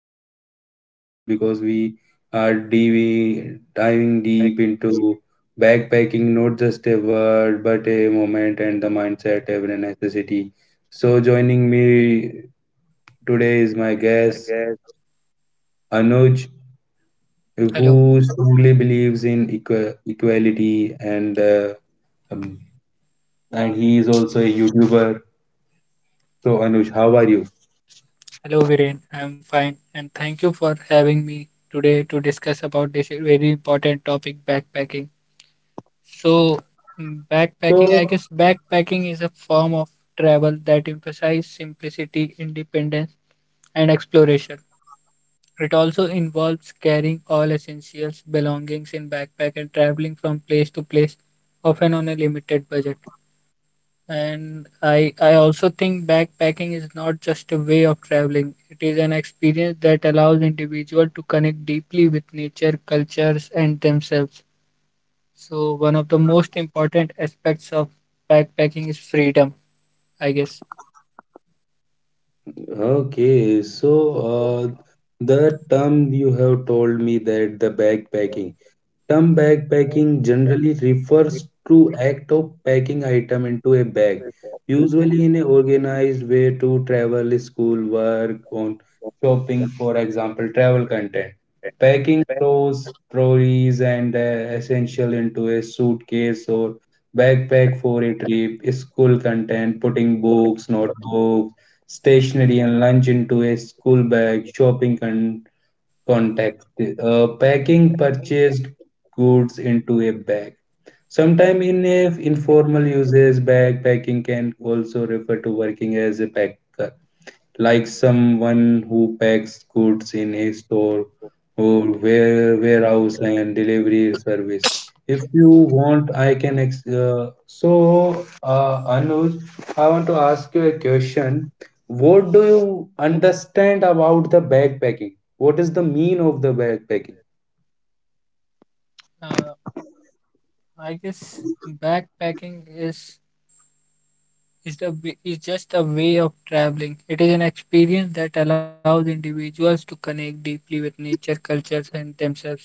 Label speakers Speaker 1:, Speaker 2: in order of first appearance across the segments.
Speaker 1: episode is very special because we are diving
Speaker 2: like
Speaker 1: deep
Speaker 2: he
Speaker 1: into backpacking, not just a word but a moment and the mindset every necessity. So joining me today is my
Speaker 2: is my
Speaker 1: guest
Speaker 2: guest.
Speaker 1: Anuj,
Speaker 2: Hello,
Speaker 1: who strongly believes in equality um, and he is also a YouTuber. So, Anuj, how are you?
Speaker 2: hello Viren. I'm fine and thank you for having me today to discuss about this very important topic, backpacking. So,
Speaker 1: So,
Speaker 2: backpacking, I guess backpacking is a form of travel that emphasizes simplicity, independence, and exploration. It also involves carrying all essentials, belongings in backpack and traveling from place to place, often on a limited budget. And I also think backpacking is not just a way of traveling. It is an experience that allows individual to connect deeply with nature, cultures, and themselves. So one of the most important aspects of backpacking is freedom, I guess.
Speaker 1: okay, so uh, the term you have told me that the backpacking. Term backpacking generally refers to act of packing item into a bag, usually in an organized way to travel, school, work, on shopping, for example, travel content. Packing clothes, trolley's and essential into a suitcase or backpack for a trip, school content, putting books, notebooks, stationery and lunch into a school bag, context. Packing purchased goods into a bag. Sometimes in a informal usage, backpacking can also refer to working as a packer like someone who packs goods in a store or warehouse and delivery service. If you want, I can. Anuj, I want to ask you a question. What do you understand about the backpacking? What is the mean of the backpacking?
Speaker 2: Uh, I guess backpacking is just a way of traveling. It is an experience that allows individuals to connect deeply with nature, cultures, and themselves.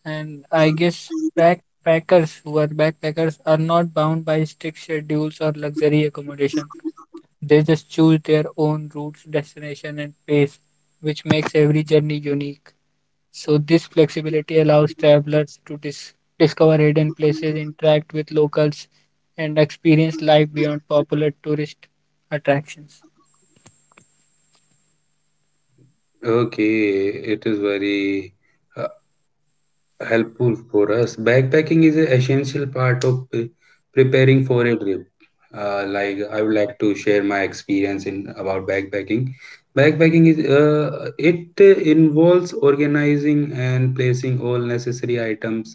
Speaker 2: And I guess backpackers are not bound by strict schedules or luxury accommodation. They just choose their own routes, destination, and pace, which makes every journey unique. So this flexibility allows travelers to discover hidden places, interact with locals, and experience life beyond popular tourist attractions.
Speaker 1: Okay, it is very helpful for us. Backpacking is an essential part of preparing for a trip. Like I would like to share my experience in about backpacking. Backpacking is it involves organizing and placing all necessary items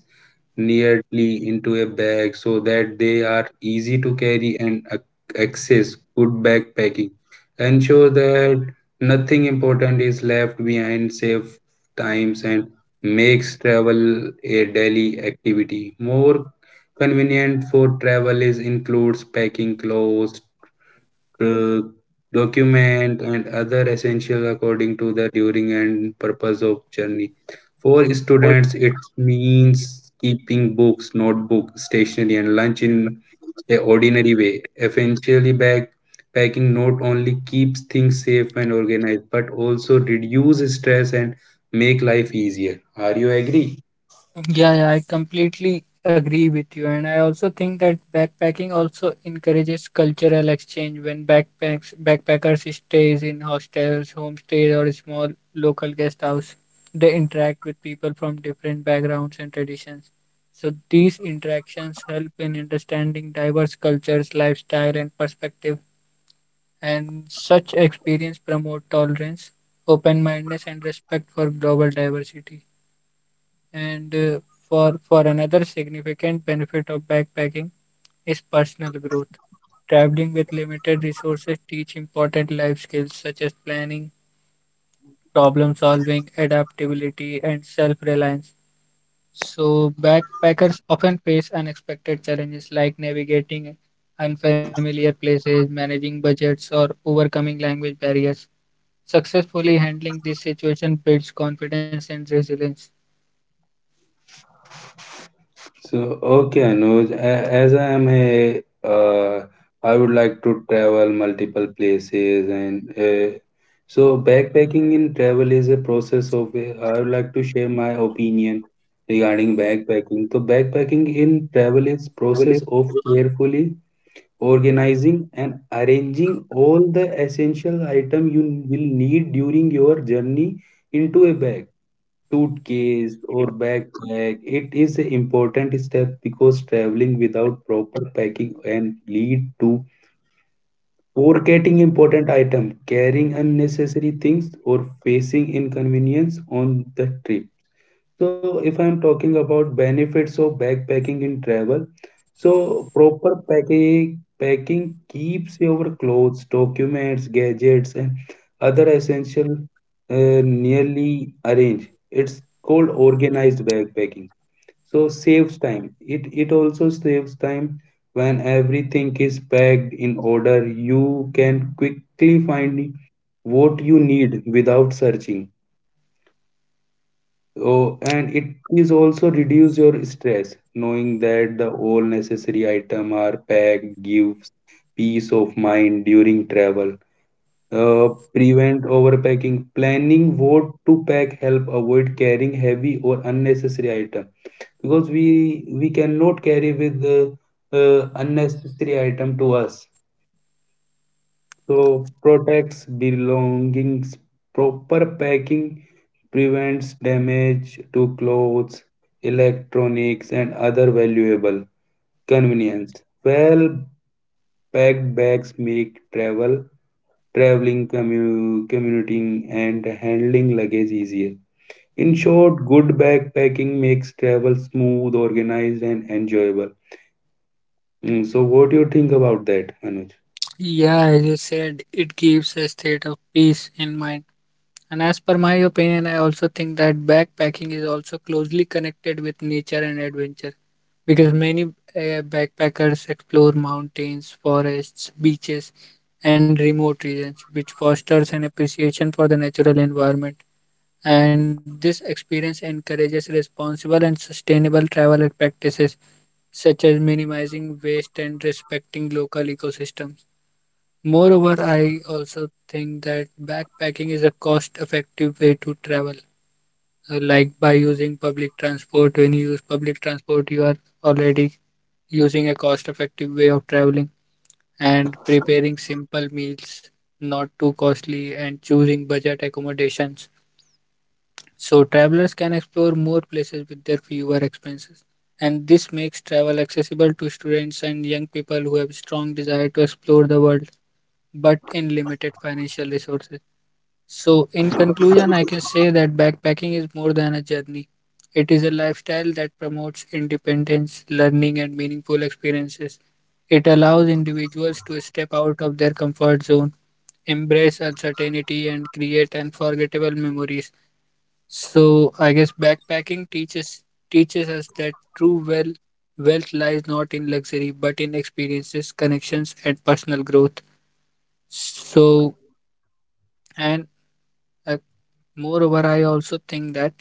Speaker 1: neatly into a bag so that they are easy to carry and access. Good backpacking. Ensure that nothing important is left behind, save times, and makes travel a daily activity. More convenient for travel is includes packing clothes, uh, document and other essential according to the during and purpose of journey for students it means keeping books notebook stationery and lunch in a ordinary way essentially bag packing not only keeps things safe and organized but also reduce stress and make life easier, are you agree?
Speaker 2: Yeah, yeah, I completely agree with you. And I also think that backpacking also encourages cultural exchange when backpacks backpackers stays in hostels, homestays or small local guest house. They interact with people from different backgrounds and traditions. So these interactions help in understanding diverse cultures, lifestyle and perspective. And such experience promote tolerance, open-mindedness and respect for global diversity and for another significant benefit of backpacking is personal growth. Traveling with limited resources teach important life skills such as planning, problem solving, adaptability and self-reliance. So backpackers often face unexpected challenges like navigating unfamiliar places, managing budgets or overcoming language barriers. Successfully handling this situation builds confidence and resilience.
Speaker 1: So, okay, Anuj, as I am a, I would like to travel multiple places and so backpacking in travel is a process of, I would like to share my opinion regarding backpacking. So backpacking in travel is process of carefully organizing and arranging all the essential item you will need during your journey into a bag suitcase or backpack. It is an important step because traveling without proper packing can lead to forgetting important items, carrying unnecessary things, or facing inconvenience on the trip. So, if I'm talking about benefits of backpacking in travel, so proper packing packing keeps your clothes, documents, gadgets, and other essential nearly arranged. It's called organized backpacking. So saves time. It also saves time when everything is packed in order. You can quickly find what you need without searching. Oh, and it is also reduce your stress, knowing that the all necessary item are packed gives peace of mind during travel. Uh, Prevent overpacking. Planning what to pack help avoid carrying heavy or unnecessary item because we cannot carry with the unnecessary item to us. So protects belongings, proper packing prevents damage to clothes, electronics, and other valuable convenience. Well packed bags make travel, traveling, commuting, and handling luggage easier. In short, good backpacking makes travel smooth, organized, and enjoyable. So, what do you think about that, Anuj?
Speaker 2: Yeah, as you said, it gives a state of peace in mind. And as per my opinion, I also think that backpacking is also closely connected with nature and adventure because many backpackers explore mountains, forests, beaches, and remote regions, which fosters an appreciation for the natural environment. And this experience encourages responsible and sustainable travel practices, such as minimizing waste and respecting local ecosystems. Moreover, I also think that backpacking is a cost-effective way to travel. Like by using public transport, when you use public transport, you are already using a cost-effective way of traveling and preparing simple meals, not too costly, and choosing budget accommodations. So travelers can explore more places with their fewer expenses. And this makes travel accessible to students and young people who have strong desire to explore the world, but in limited financial resources. So, in conclusion, I can say that backpacking is more than a journey. It is a lifestyle that promotes independence, learning, and meaningful experiences. It allows individuals to step out of their comfort zone, embrace uncertainty, and create unforgettable memories. So, I guess backpacking teaches us that true wealth lies not in luxury but in experiences, connections, and personal growth. So, and uh, moreover, I also think that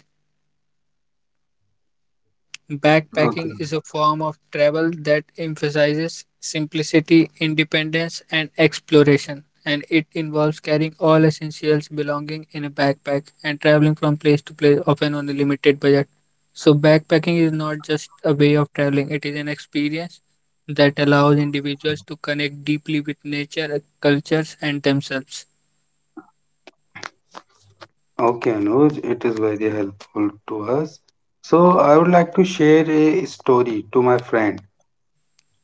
Speaker 2: backpacking
Speaker 1: Okay.
Speaker 2: is a form of travel that emphasizes simplicity, independence, and exploration, and it involves carrying all essentials belonging in a backpack and traveling from place to place, often on a limited budget. So, backpacking is not just a way of traveling, it is an experience that allows individuals to connect deeply with nature, cultures, and themselves.
Speaker 1: Okay, Anuj, it is very helpful to us. So I would like to share a story to my friend.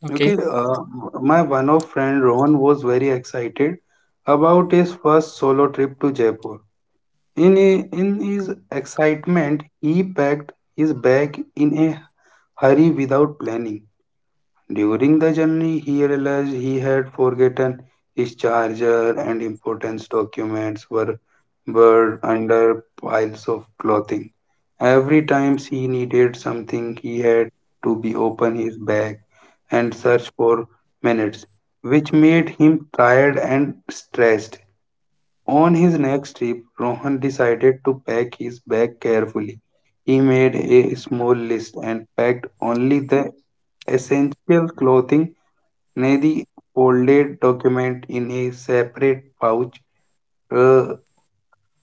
Speaker 2: Okay.
Speaker 1: Okay, my one of friend Rohan was very excited about his first solo trip to Jaipur. In his excitement, he packed his bag in a hurry without planning. During the journey, he realized he had forgotten his charger and important documents were buried under piles of clothing. Every time he needed something, he had to be open his bag and search for minutes, which made him tired and stressed. On his next trip, Rohan decided to pack his bag carefully. He made a small list and packed only the essential clothing. Nadi folded document in a separate pouch uh,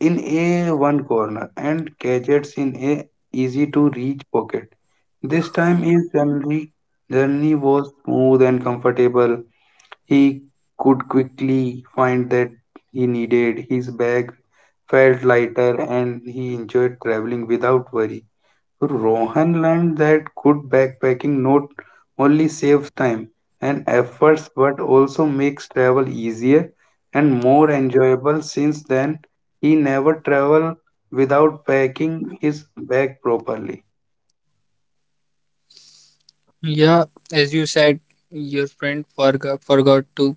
Speaker 1: in a one corner and gadgets in a easy to reach pocket. This time his family journey was smooth and comfortable. He could quickly find that he needed his bag felt lighter and he enjoyed traveling without worry. So Rohan learned that good backpacking not only saves time and efforts but also makes travel easier and more enjoyable. Since then, he never traveled without packing his bag properly.
Speaker 2: Yeah, as you said, your friend forgot to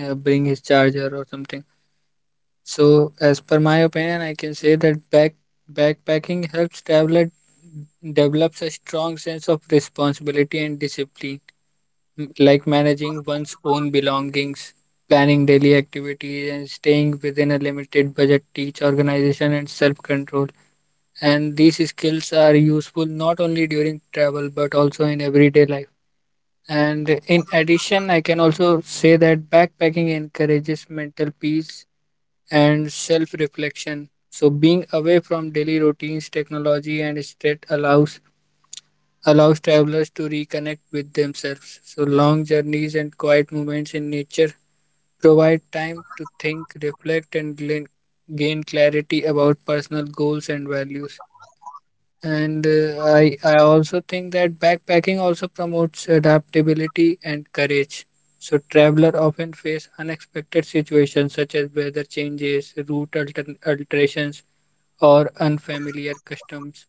Speaker 2: bring his charger or something. So, as per my opinion, I can say that backpacking helps traveler develops a strong sense of responsibility and discipline, like managing one's own belongings, planning daily activities, and staying within a limited budget teach organization and self-control. And these skills are useful not only during travel but also in everyday life. And in addition, I can also say that backpacking encourages mental peace and self reflection. So, being away from daily routines, technology, and state allows travelers to reconnect with themselves. So, long journeys and quiet moments in nature provide time to think, reflect, gain clarity about personal goals and values. And I also think that backpacking also promotes adaptability and courage. So travelers often face unexpected situations such as weather changes, alterations, or unfamiliar customs.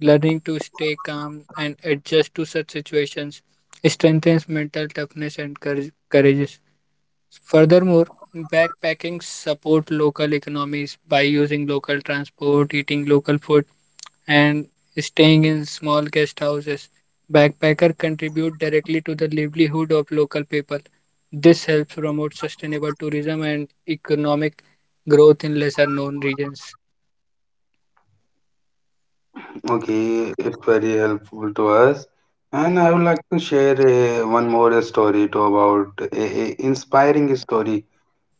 Speaker 2: Learning to stay calm and adjust to such situations strengthens mental toughness and courage. Furthermore, backpacking support local economies by using local transport, eating local food and staying in small guest houses. Backpacker contribute directly to the livelihood of local people. This helps promote sustainable tourism and economic growth in lesser known regions.
Speaker 1: Okay, it's very helpful to us. And I would like to share one more story to about a inspiring story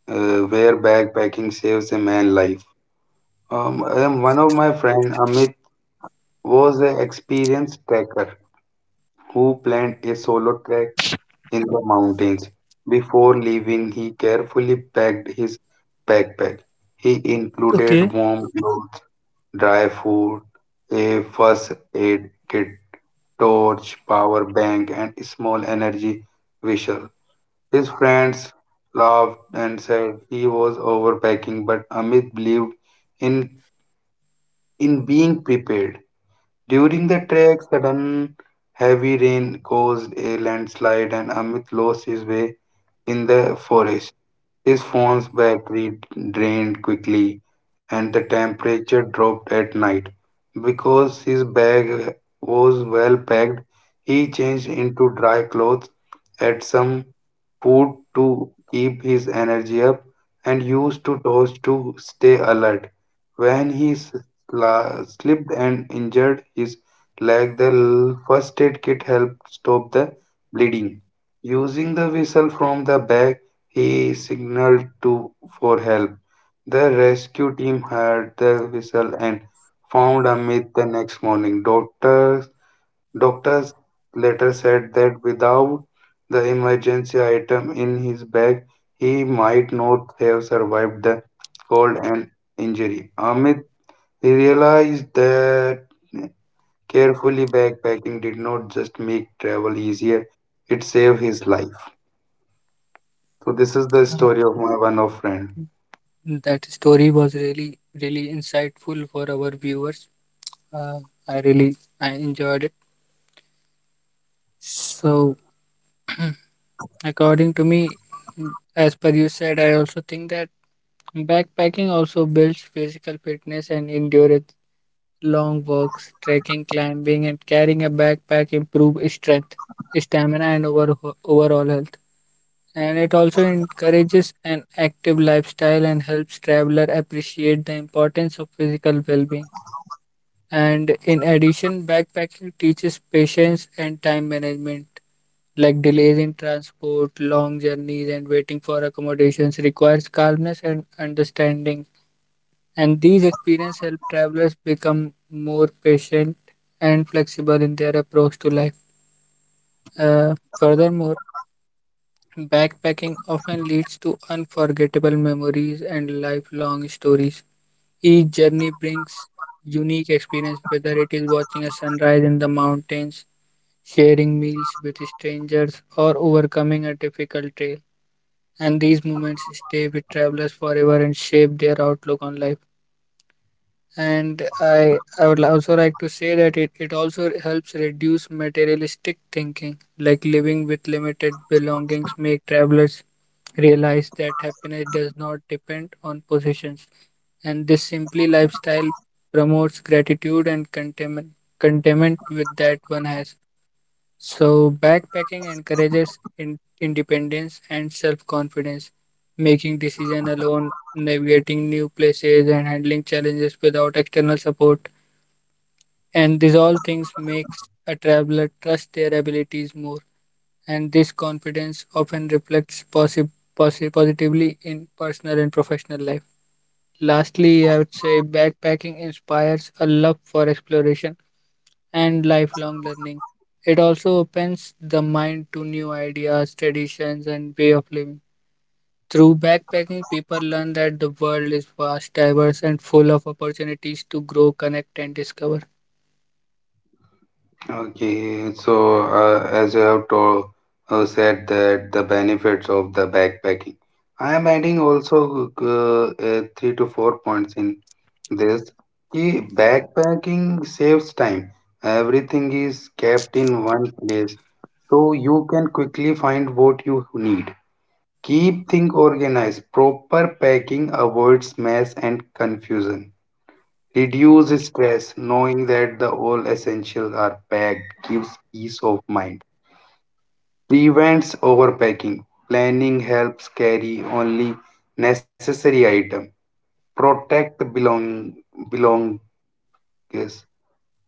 Speaker 1: where backpacking saves a man life. One of my friend Amit was an experienced trekker who planned a solo trek in the mountains. Before leaving, he carefully packed his backpack. He
Speaker 2: Okay.
Speaker 1: included warm clothes, dry food, a first aid kit, torch, power bank, and small energy visual. His friends laughed and said he was overpacking, but Amit believed in in being prepared. During the trek, sudden heavy rain caused a landslide, and Amit lost his way in the forest. His phone's battery drained quickly, and the temperature dropped at night. Because his bag was well packed, he changed into dry clothes at some food to keep his energy up, and used to toast to stay alert. When he slipped and injured his leg, the first aid kit helped stop the bleeding. Using the whistle from the bag, he signaled to for help. The rescue team heard the whistle and found Amit the next morning. Doctors later said that without the emergency item in his bag, he might not have survived the cold and injury. Amit realized that carefully backpacking did not just make travel easier, it saved his life. So this is the
Speaker 2: Uh,
Speaker 1: story of my one of friend.
Speaker 2: That story was really, really insightful for our viewers. Uh, I really, I enjoyed it. So, according to me, as per you said, I also think that backpacking also builds physical fitness and endurance. Long walks, trekking, climbing, and carrying a backpack improve strength, stamina, and overall health. And it also encourages an active lifestyle and helps traveler appreciate the importance of physical well-being. And in addition, backpacking teaches patience and time management. Like delays in transport, long journeys, and waiting for accommodations requires calmness and understanding and these experiences help travelers become more patient and flexible in their approach to life. Furthermore, backpacking often leads to unforgettable memories and lifelong stories. Each journey brings unique experience, whether it is watching a sunrise in the mountains, sharing meals with strangers, or overcoming a difficult trail. And these moments stay with travelers forever and shape their outlook on life. And I would also like to say that it also helps reduce materialistic thinking like living with limited belongings make travelers realize that happiness does not depend on possessions. And this simply lifestyle promotes gratitude and contentment with that one has. So, backpacking encourages independence and self confidence, making decisions alone, navigating new places, and handling challenges without external support. And these all things makes a traveler trust their abilities more. And this confidence often reflects positively in personal and professional life. Lastly, I would say backpacking inspires a love for exploration and lifelong learning. It also opens the mind to new ideas, traditions, and way of living. Through backpacking, people learn that the world is vast, diverse, and full of opportunities to grow, connect, and discover.
Speaker 1: Okay, so as you have told, said that the benefits of the backpacking, I am adding also 3 to 4 points in this. Ki backpacking saves time. Everything is kept in one place, so you can quickly find what you need. Keep things organized. Proper packing avoids mess and confusion. Reduce stress, knowing that the all essentials are packed, gives peace of mind. Prevents overpacking. Planning helps carry only necessary item. Protect belong yes.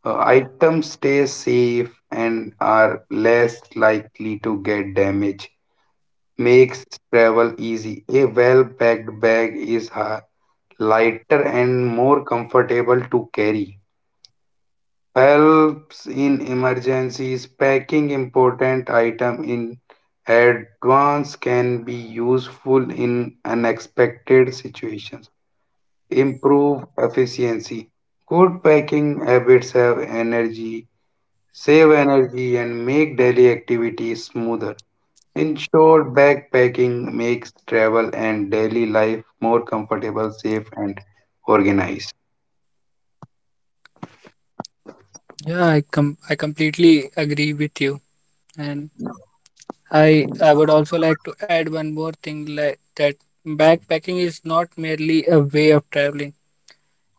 Speaker 1: Items stay safe and are less likely to get damaged. Makes travel easy. A well packed bag is lighter and more comfortable to carry. Helps in emergencies, packing important item in advance can be useful in unexpected situations. Improve efficiency, good packing habits have energy, save energy and make daily activities smoother. In short, backpacking makes travel and daily life more comfortable, safe and organized.
Speaker 2: Yeah, I completely agree with you, and I would also like to add one more thing like that backpacking is not merely a way of traveling.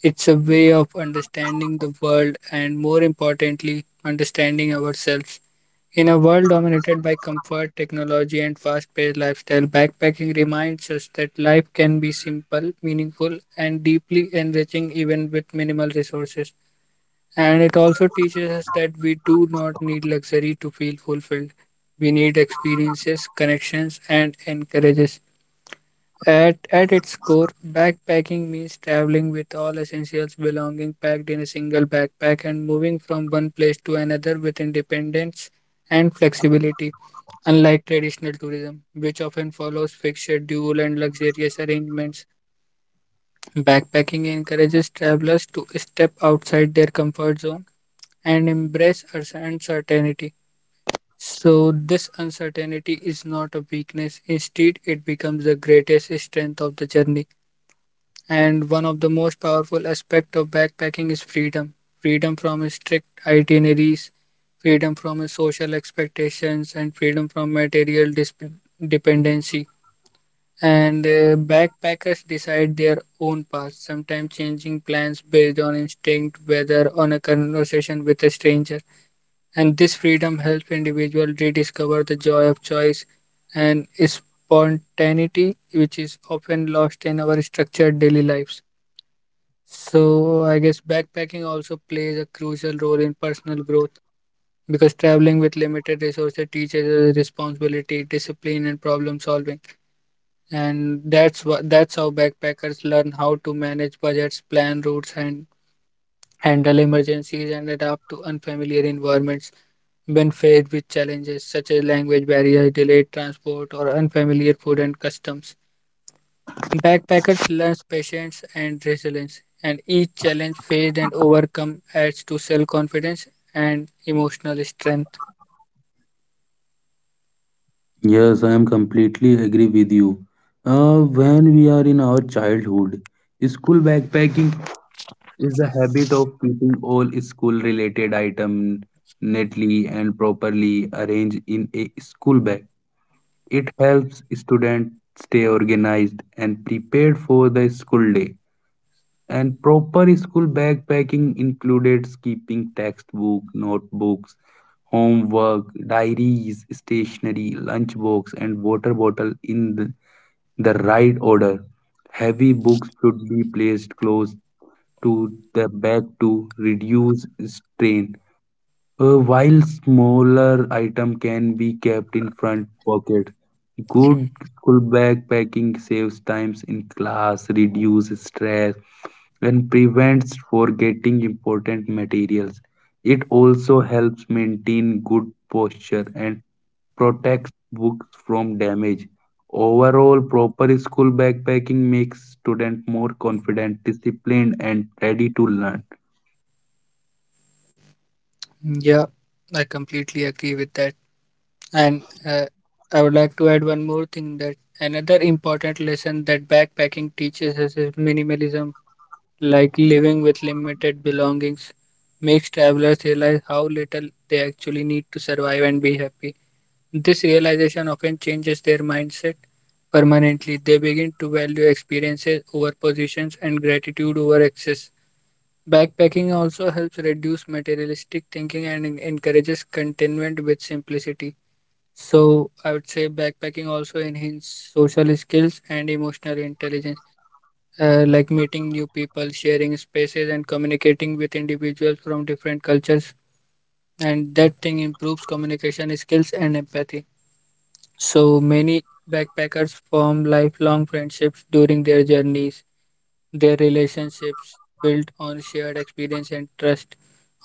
Speaker 2: It's a way of understanding the world and more importantly, understanding ourselves. In a world dominated by comfort, technology, and fast paced lifestyle, backpacking reminds us that life can be simple, meaningful, and deeply enriching even with minimal resources. And it also teaches us that we do not need luxury to feel fulfilled. We need experiences, connections, and encourages. At its core, backpacking means traveling with all essentials belonging packed in a single backpack and moving from one place to another with independence and flexibility. Unlike traditional tourism, which often follows fixed schedule and luxurious arrangements, backpacking encourages travelers to step outside their comfort zone and embrace uncertainty. So, this uncertainty is not a weakness, instead, it becomes the greatest strength of the journey. And one of the most powerful aspects of backpacking is freedom from strict itineraries, freedom from social expectations, and freedom from material dependency. And backpackers decide their own path, sometimes changing plans based on instinct, whether on a conversation with a stranger. And this freedom helps individuals rediscover the joy of choice and spontaneity, which is often lost in our structured daily lives. So, I guess backpacking also plays a crucial role in personal growth because traveling with limited resources teaches us responsibility, discipline, and problem solving. And that's how backpackers learn how to manage budgets, plan routes, and handle emergencies and adapt to unfamiliar environments when faced with challenges such as language barriers, delayed transport, or unfamiliar food and customs. Backpackers learn patience and resilience, and each challenge faced and overcome adds to self confidence and emotional strength.
Speaker 1: Yes, I am completely agree with you. When we are in our childhood, school backpacking is the habit of keeping all school-related items neatly and properly arranged in a school bag. It helps students stay organized and prepared for the school day. And proper school backpacking included keeping textbook, notebooks, homework, diaries, stationery, lunchbox, and water bottle in the right order. Heavy books should be placed close to the back to reduce strain, while smaller item can be kept in front pocket. Good school backpacking saves times in class, reduces stress, and prevents forgetting important materials. It also helps maintain good posture and protects books from damage. Overall, proper school backpacking makes students more confident, disciplined, and ready to learn.
Speaker 2: Yeah, I completely agree with that. And I would like to add one more thing that another important lesson that backpacking teaches us is minimalism, like living with limited belongings, makes travelers realize how little they actually need to survive and be happy. This realization often changes their mindset permanently. They begin to value experiences over positions and gratitude over excess. Backpacking also helps reduce materialistic thinking and encourages contentment with simplicity. So I would say backpacking also enhance social skills and emotional intelligence, like meeting new people, sharing spaces, and communicating with individuals from different cultures. And that thing improves communication skills and empathy. So many backpackers form lifelong friendships during their journeys. Their relationships built on shared experience and trust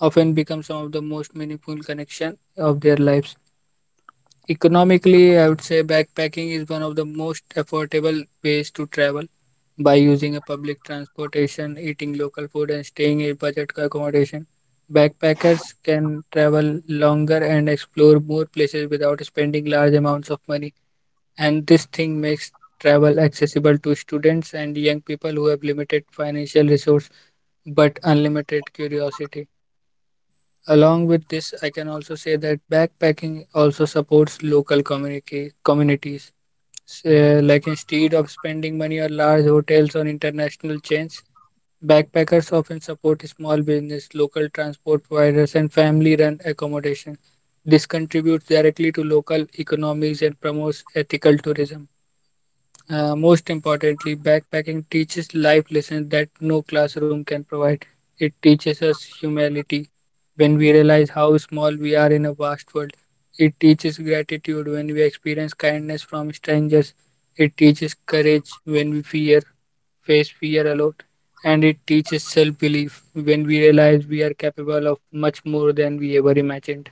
Speaker 2: often become some of the most meaningful connection of their lives. Economically, I would say backpacking is one of the most affordable ways to travel. By using a public transportation, eating local food, and staying in budget accommodation, backpackers can travel longer and explore more places without spending large amounts of money. And this thing makes travel accessible to students and young people who have limited financial resource but unlimited curiosity. Along with this, I can also say that backpacking also supports local community communities. So, like instead of spending money on large hotels or international chains, backpackers often support small business, local transport providers, and family-run accommodation. This contributes directly to local economies and promotes ethical tourism. Most importantly, backpacking teaches life lessons that no classroom can provide. It teaches us humility when we realize how small we are in a vast world. It teaches gratitude when we experience kindness from strangers. It teaches courage when face fear alone. And it teaches self belief when we realize we are capable of much more than we ever imagined.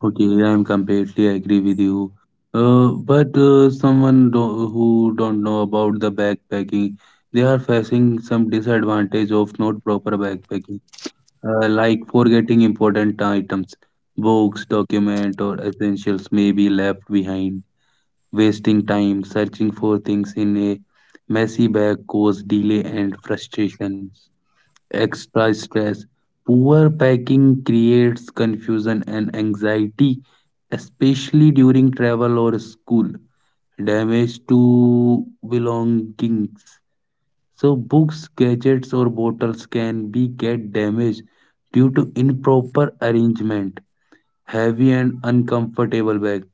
Speaker 1: Okay, yeah, I'm completely agree with you. But someone who don't know about the backpacking, they are facing some disadvantage of not proper backpacking, like forgetting important items, books, document, or essentials may be left behind. Wasting time searching for things in a messy bag cause delay and frustrations. Extra stress. Poor packing creates confusion and anxiety, especially during travel or school. Damage to belongings. So books, gadgets or bottles can be get damaged due to improper arrangement. Heavy and uncomfortable bag,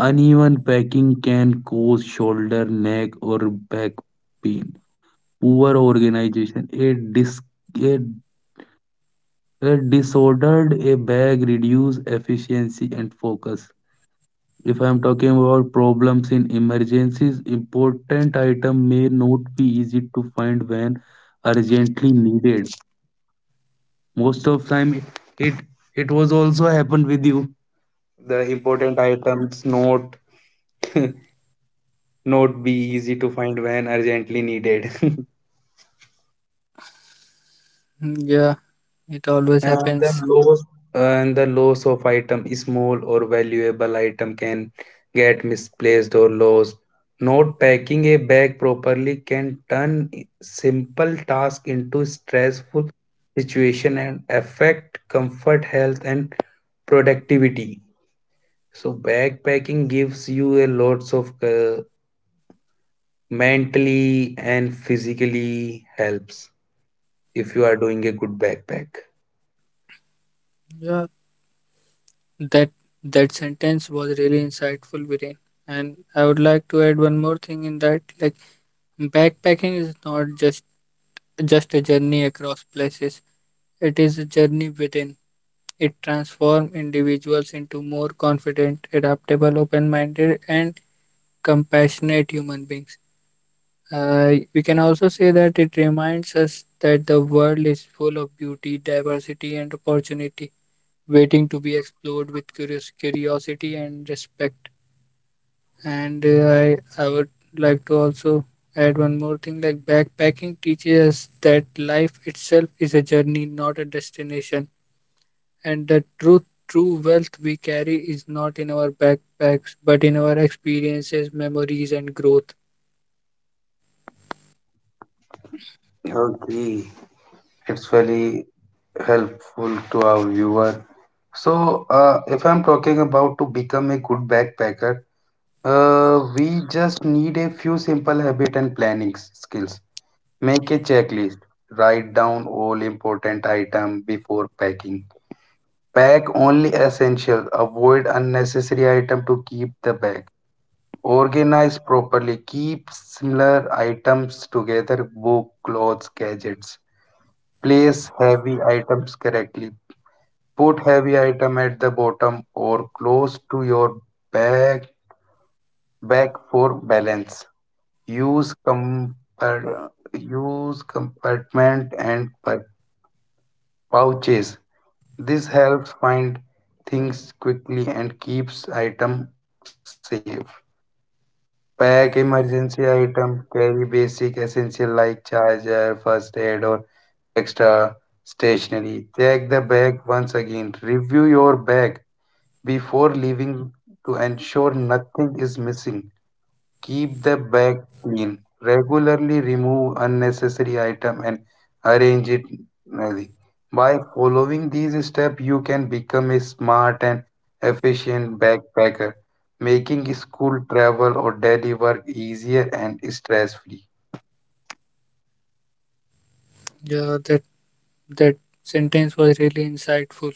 Speaker 1: uneven packing can cause shoulder, neck, or back pain. Poor organization. A, a disordered a bag reduce efficiency and focus. If I am talking about problems in emergencies, important item may not be easy to find when urgently needed. Most of time, it it was also happened with you. The important items not not be easy to find when urgently needed.
Speaker 2: Hmm, yeah, it always
Speaker 1: and
Speaker 2: happens.
Speaker 1: the loss and the loss of item, small or valuable item, can get misplaced or lost. Not packing a bag properly can turn simple task into stressful situation and affect comfort, health, and productivity. So backpacking gives you a lots of mentally and physically helps. If you are doing a good backpack.
Speaker 2: Yeah. That that sentence was really insightful, Viren. And I would like to add one more thing in that, like backpacking is not just a journey across places. It is a journey within. It transforms individuals into more confident, adaptable, open-minded, and compassionate human beings. We can also say that it reminds us that the world is full of beauty, diversity, and opportunity, waiting to be explored with curious curiosity and respect. And I would like to also add one more thing like backpacking teaches us that life itself is a journey, not a destination. And true wealth we carry is not in our backpacks, but in our experiences, memories, and growth.
Speaker 1: Okay, it's very helpful to our viewer. So, if I'm talking about to become a good backpacker, we just need a few simple habit and planning skills. Make a checklist. Write down all important item before packing. Pack only essential. Avoid unnecessary item to keep the bag. Organize properly, keep similar items together, book, clothes, gadgets. Place heavy items correctly, put heavy item at the bottom or close to your back back for balance. use compar- Use compartment and pouches, this helps find things quickly and keeps item safe. Pack emergency item, carry basic essential like charger, first aid or extra stationery. Check the bag once again. Review your bag before leaving to ensure nothing is missing. Keep the bag clean. Regularly remove unnecessary item and arrange it neatly. By following these steps, you can become a smart and efficient backpacker, making school travel or daily work easier and stress free.
Speaker 2: Yeah, that sentence was really insightful.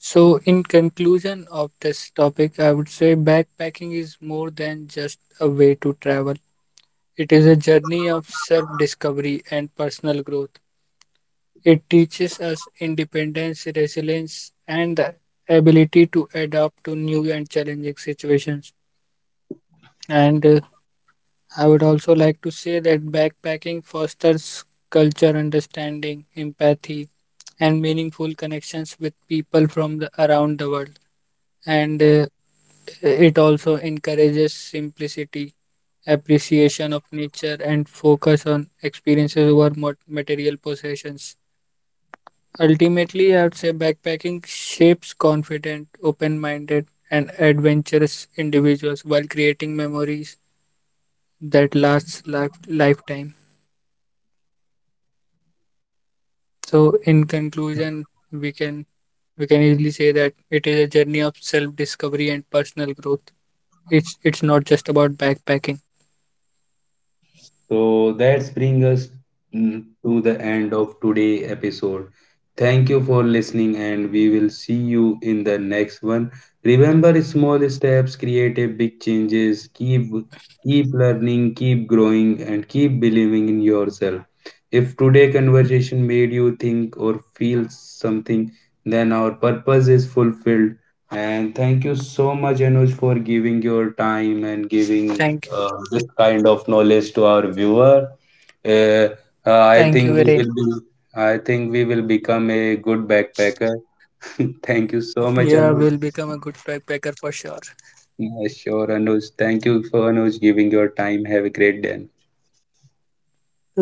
Speaker 2: So, in conclusion of this topic, I would say backpacking is more than just a way to travel. It is a journey of self discovery and personal growth. It teaches us independence, resilience, and the ability to adapt to new and challenging situations. And I would also like to say that backpacking fosters culture understanding, empathy, and meaningful connections with people from around the world. And it also encourages simplicity, appreciation of nature, and focus on experiences over material possessions. Ultimately, I would say backpacking shapes confident, open minded, and adventurous individuals while creating memories that last lifetime. So, in conclusion, we can easily say that it is a journey of self discovery and personal growth. It's not just about backpacking.
Speaker 1: So that brings us to the end of today episode. Thank you for listening and we will see you in the next one. Remember small steps create a big changes. Keep learning, keep growing and keep believing in yourself. If today conversation made you think or feel something, then our purpose is fulfilled. And thank you so much, Anuj, for giving your time and
Speaker 2: Thank
Speaker 1: giving this kind of knowledge to our viewer. Uh,
Speaker 2: Thank you,
Speaker 1: I
Speaker 2: Viren.
Speaker 1: think we will be. I think we will become a good backpacker. Thank you so
Speaker 2: Yeah,
Speaker 1: much,
Speaker 2: we'll
Speaker 1: Anuj.
Speaker 2: become a good backpacker for sure.
Speaker 1: Yeah, sure, Anuj. Thank you for Anuj giving your time. Have a great day.
Speaker 2: Have a great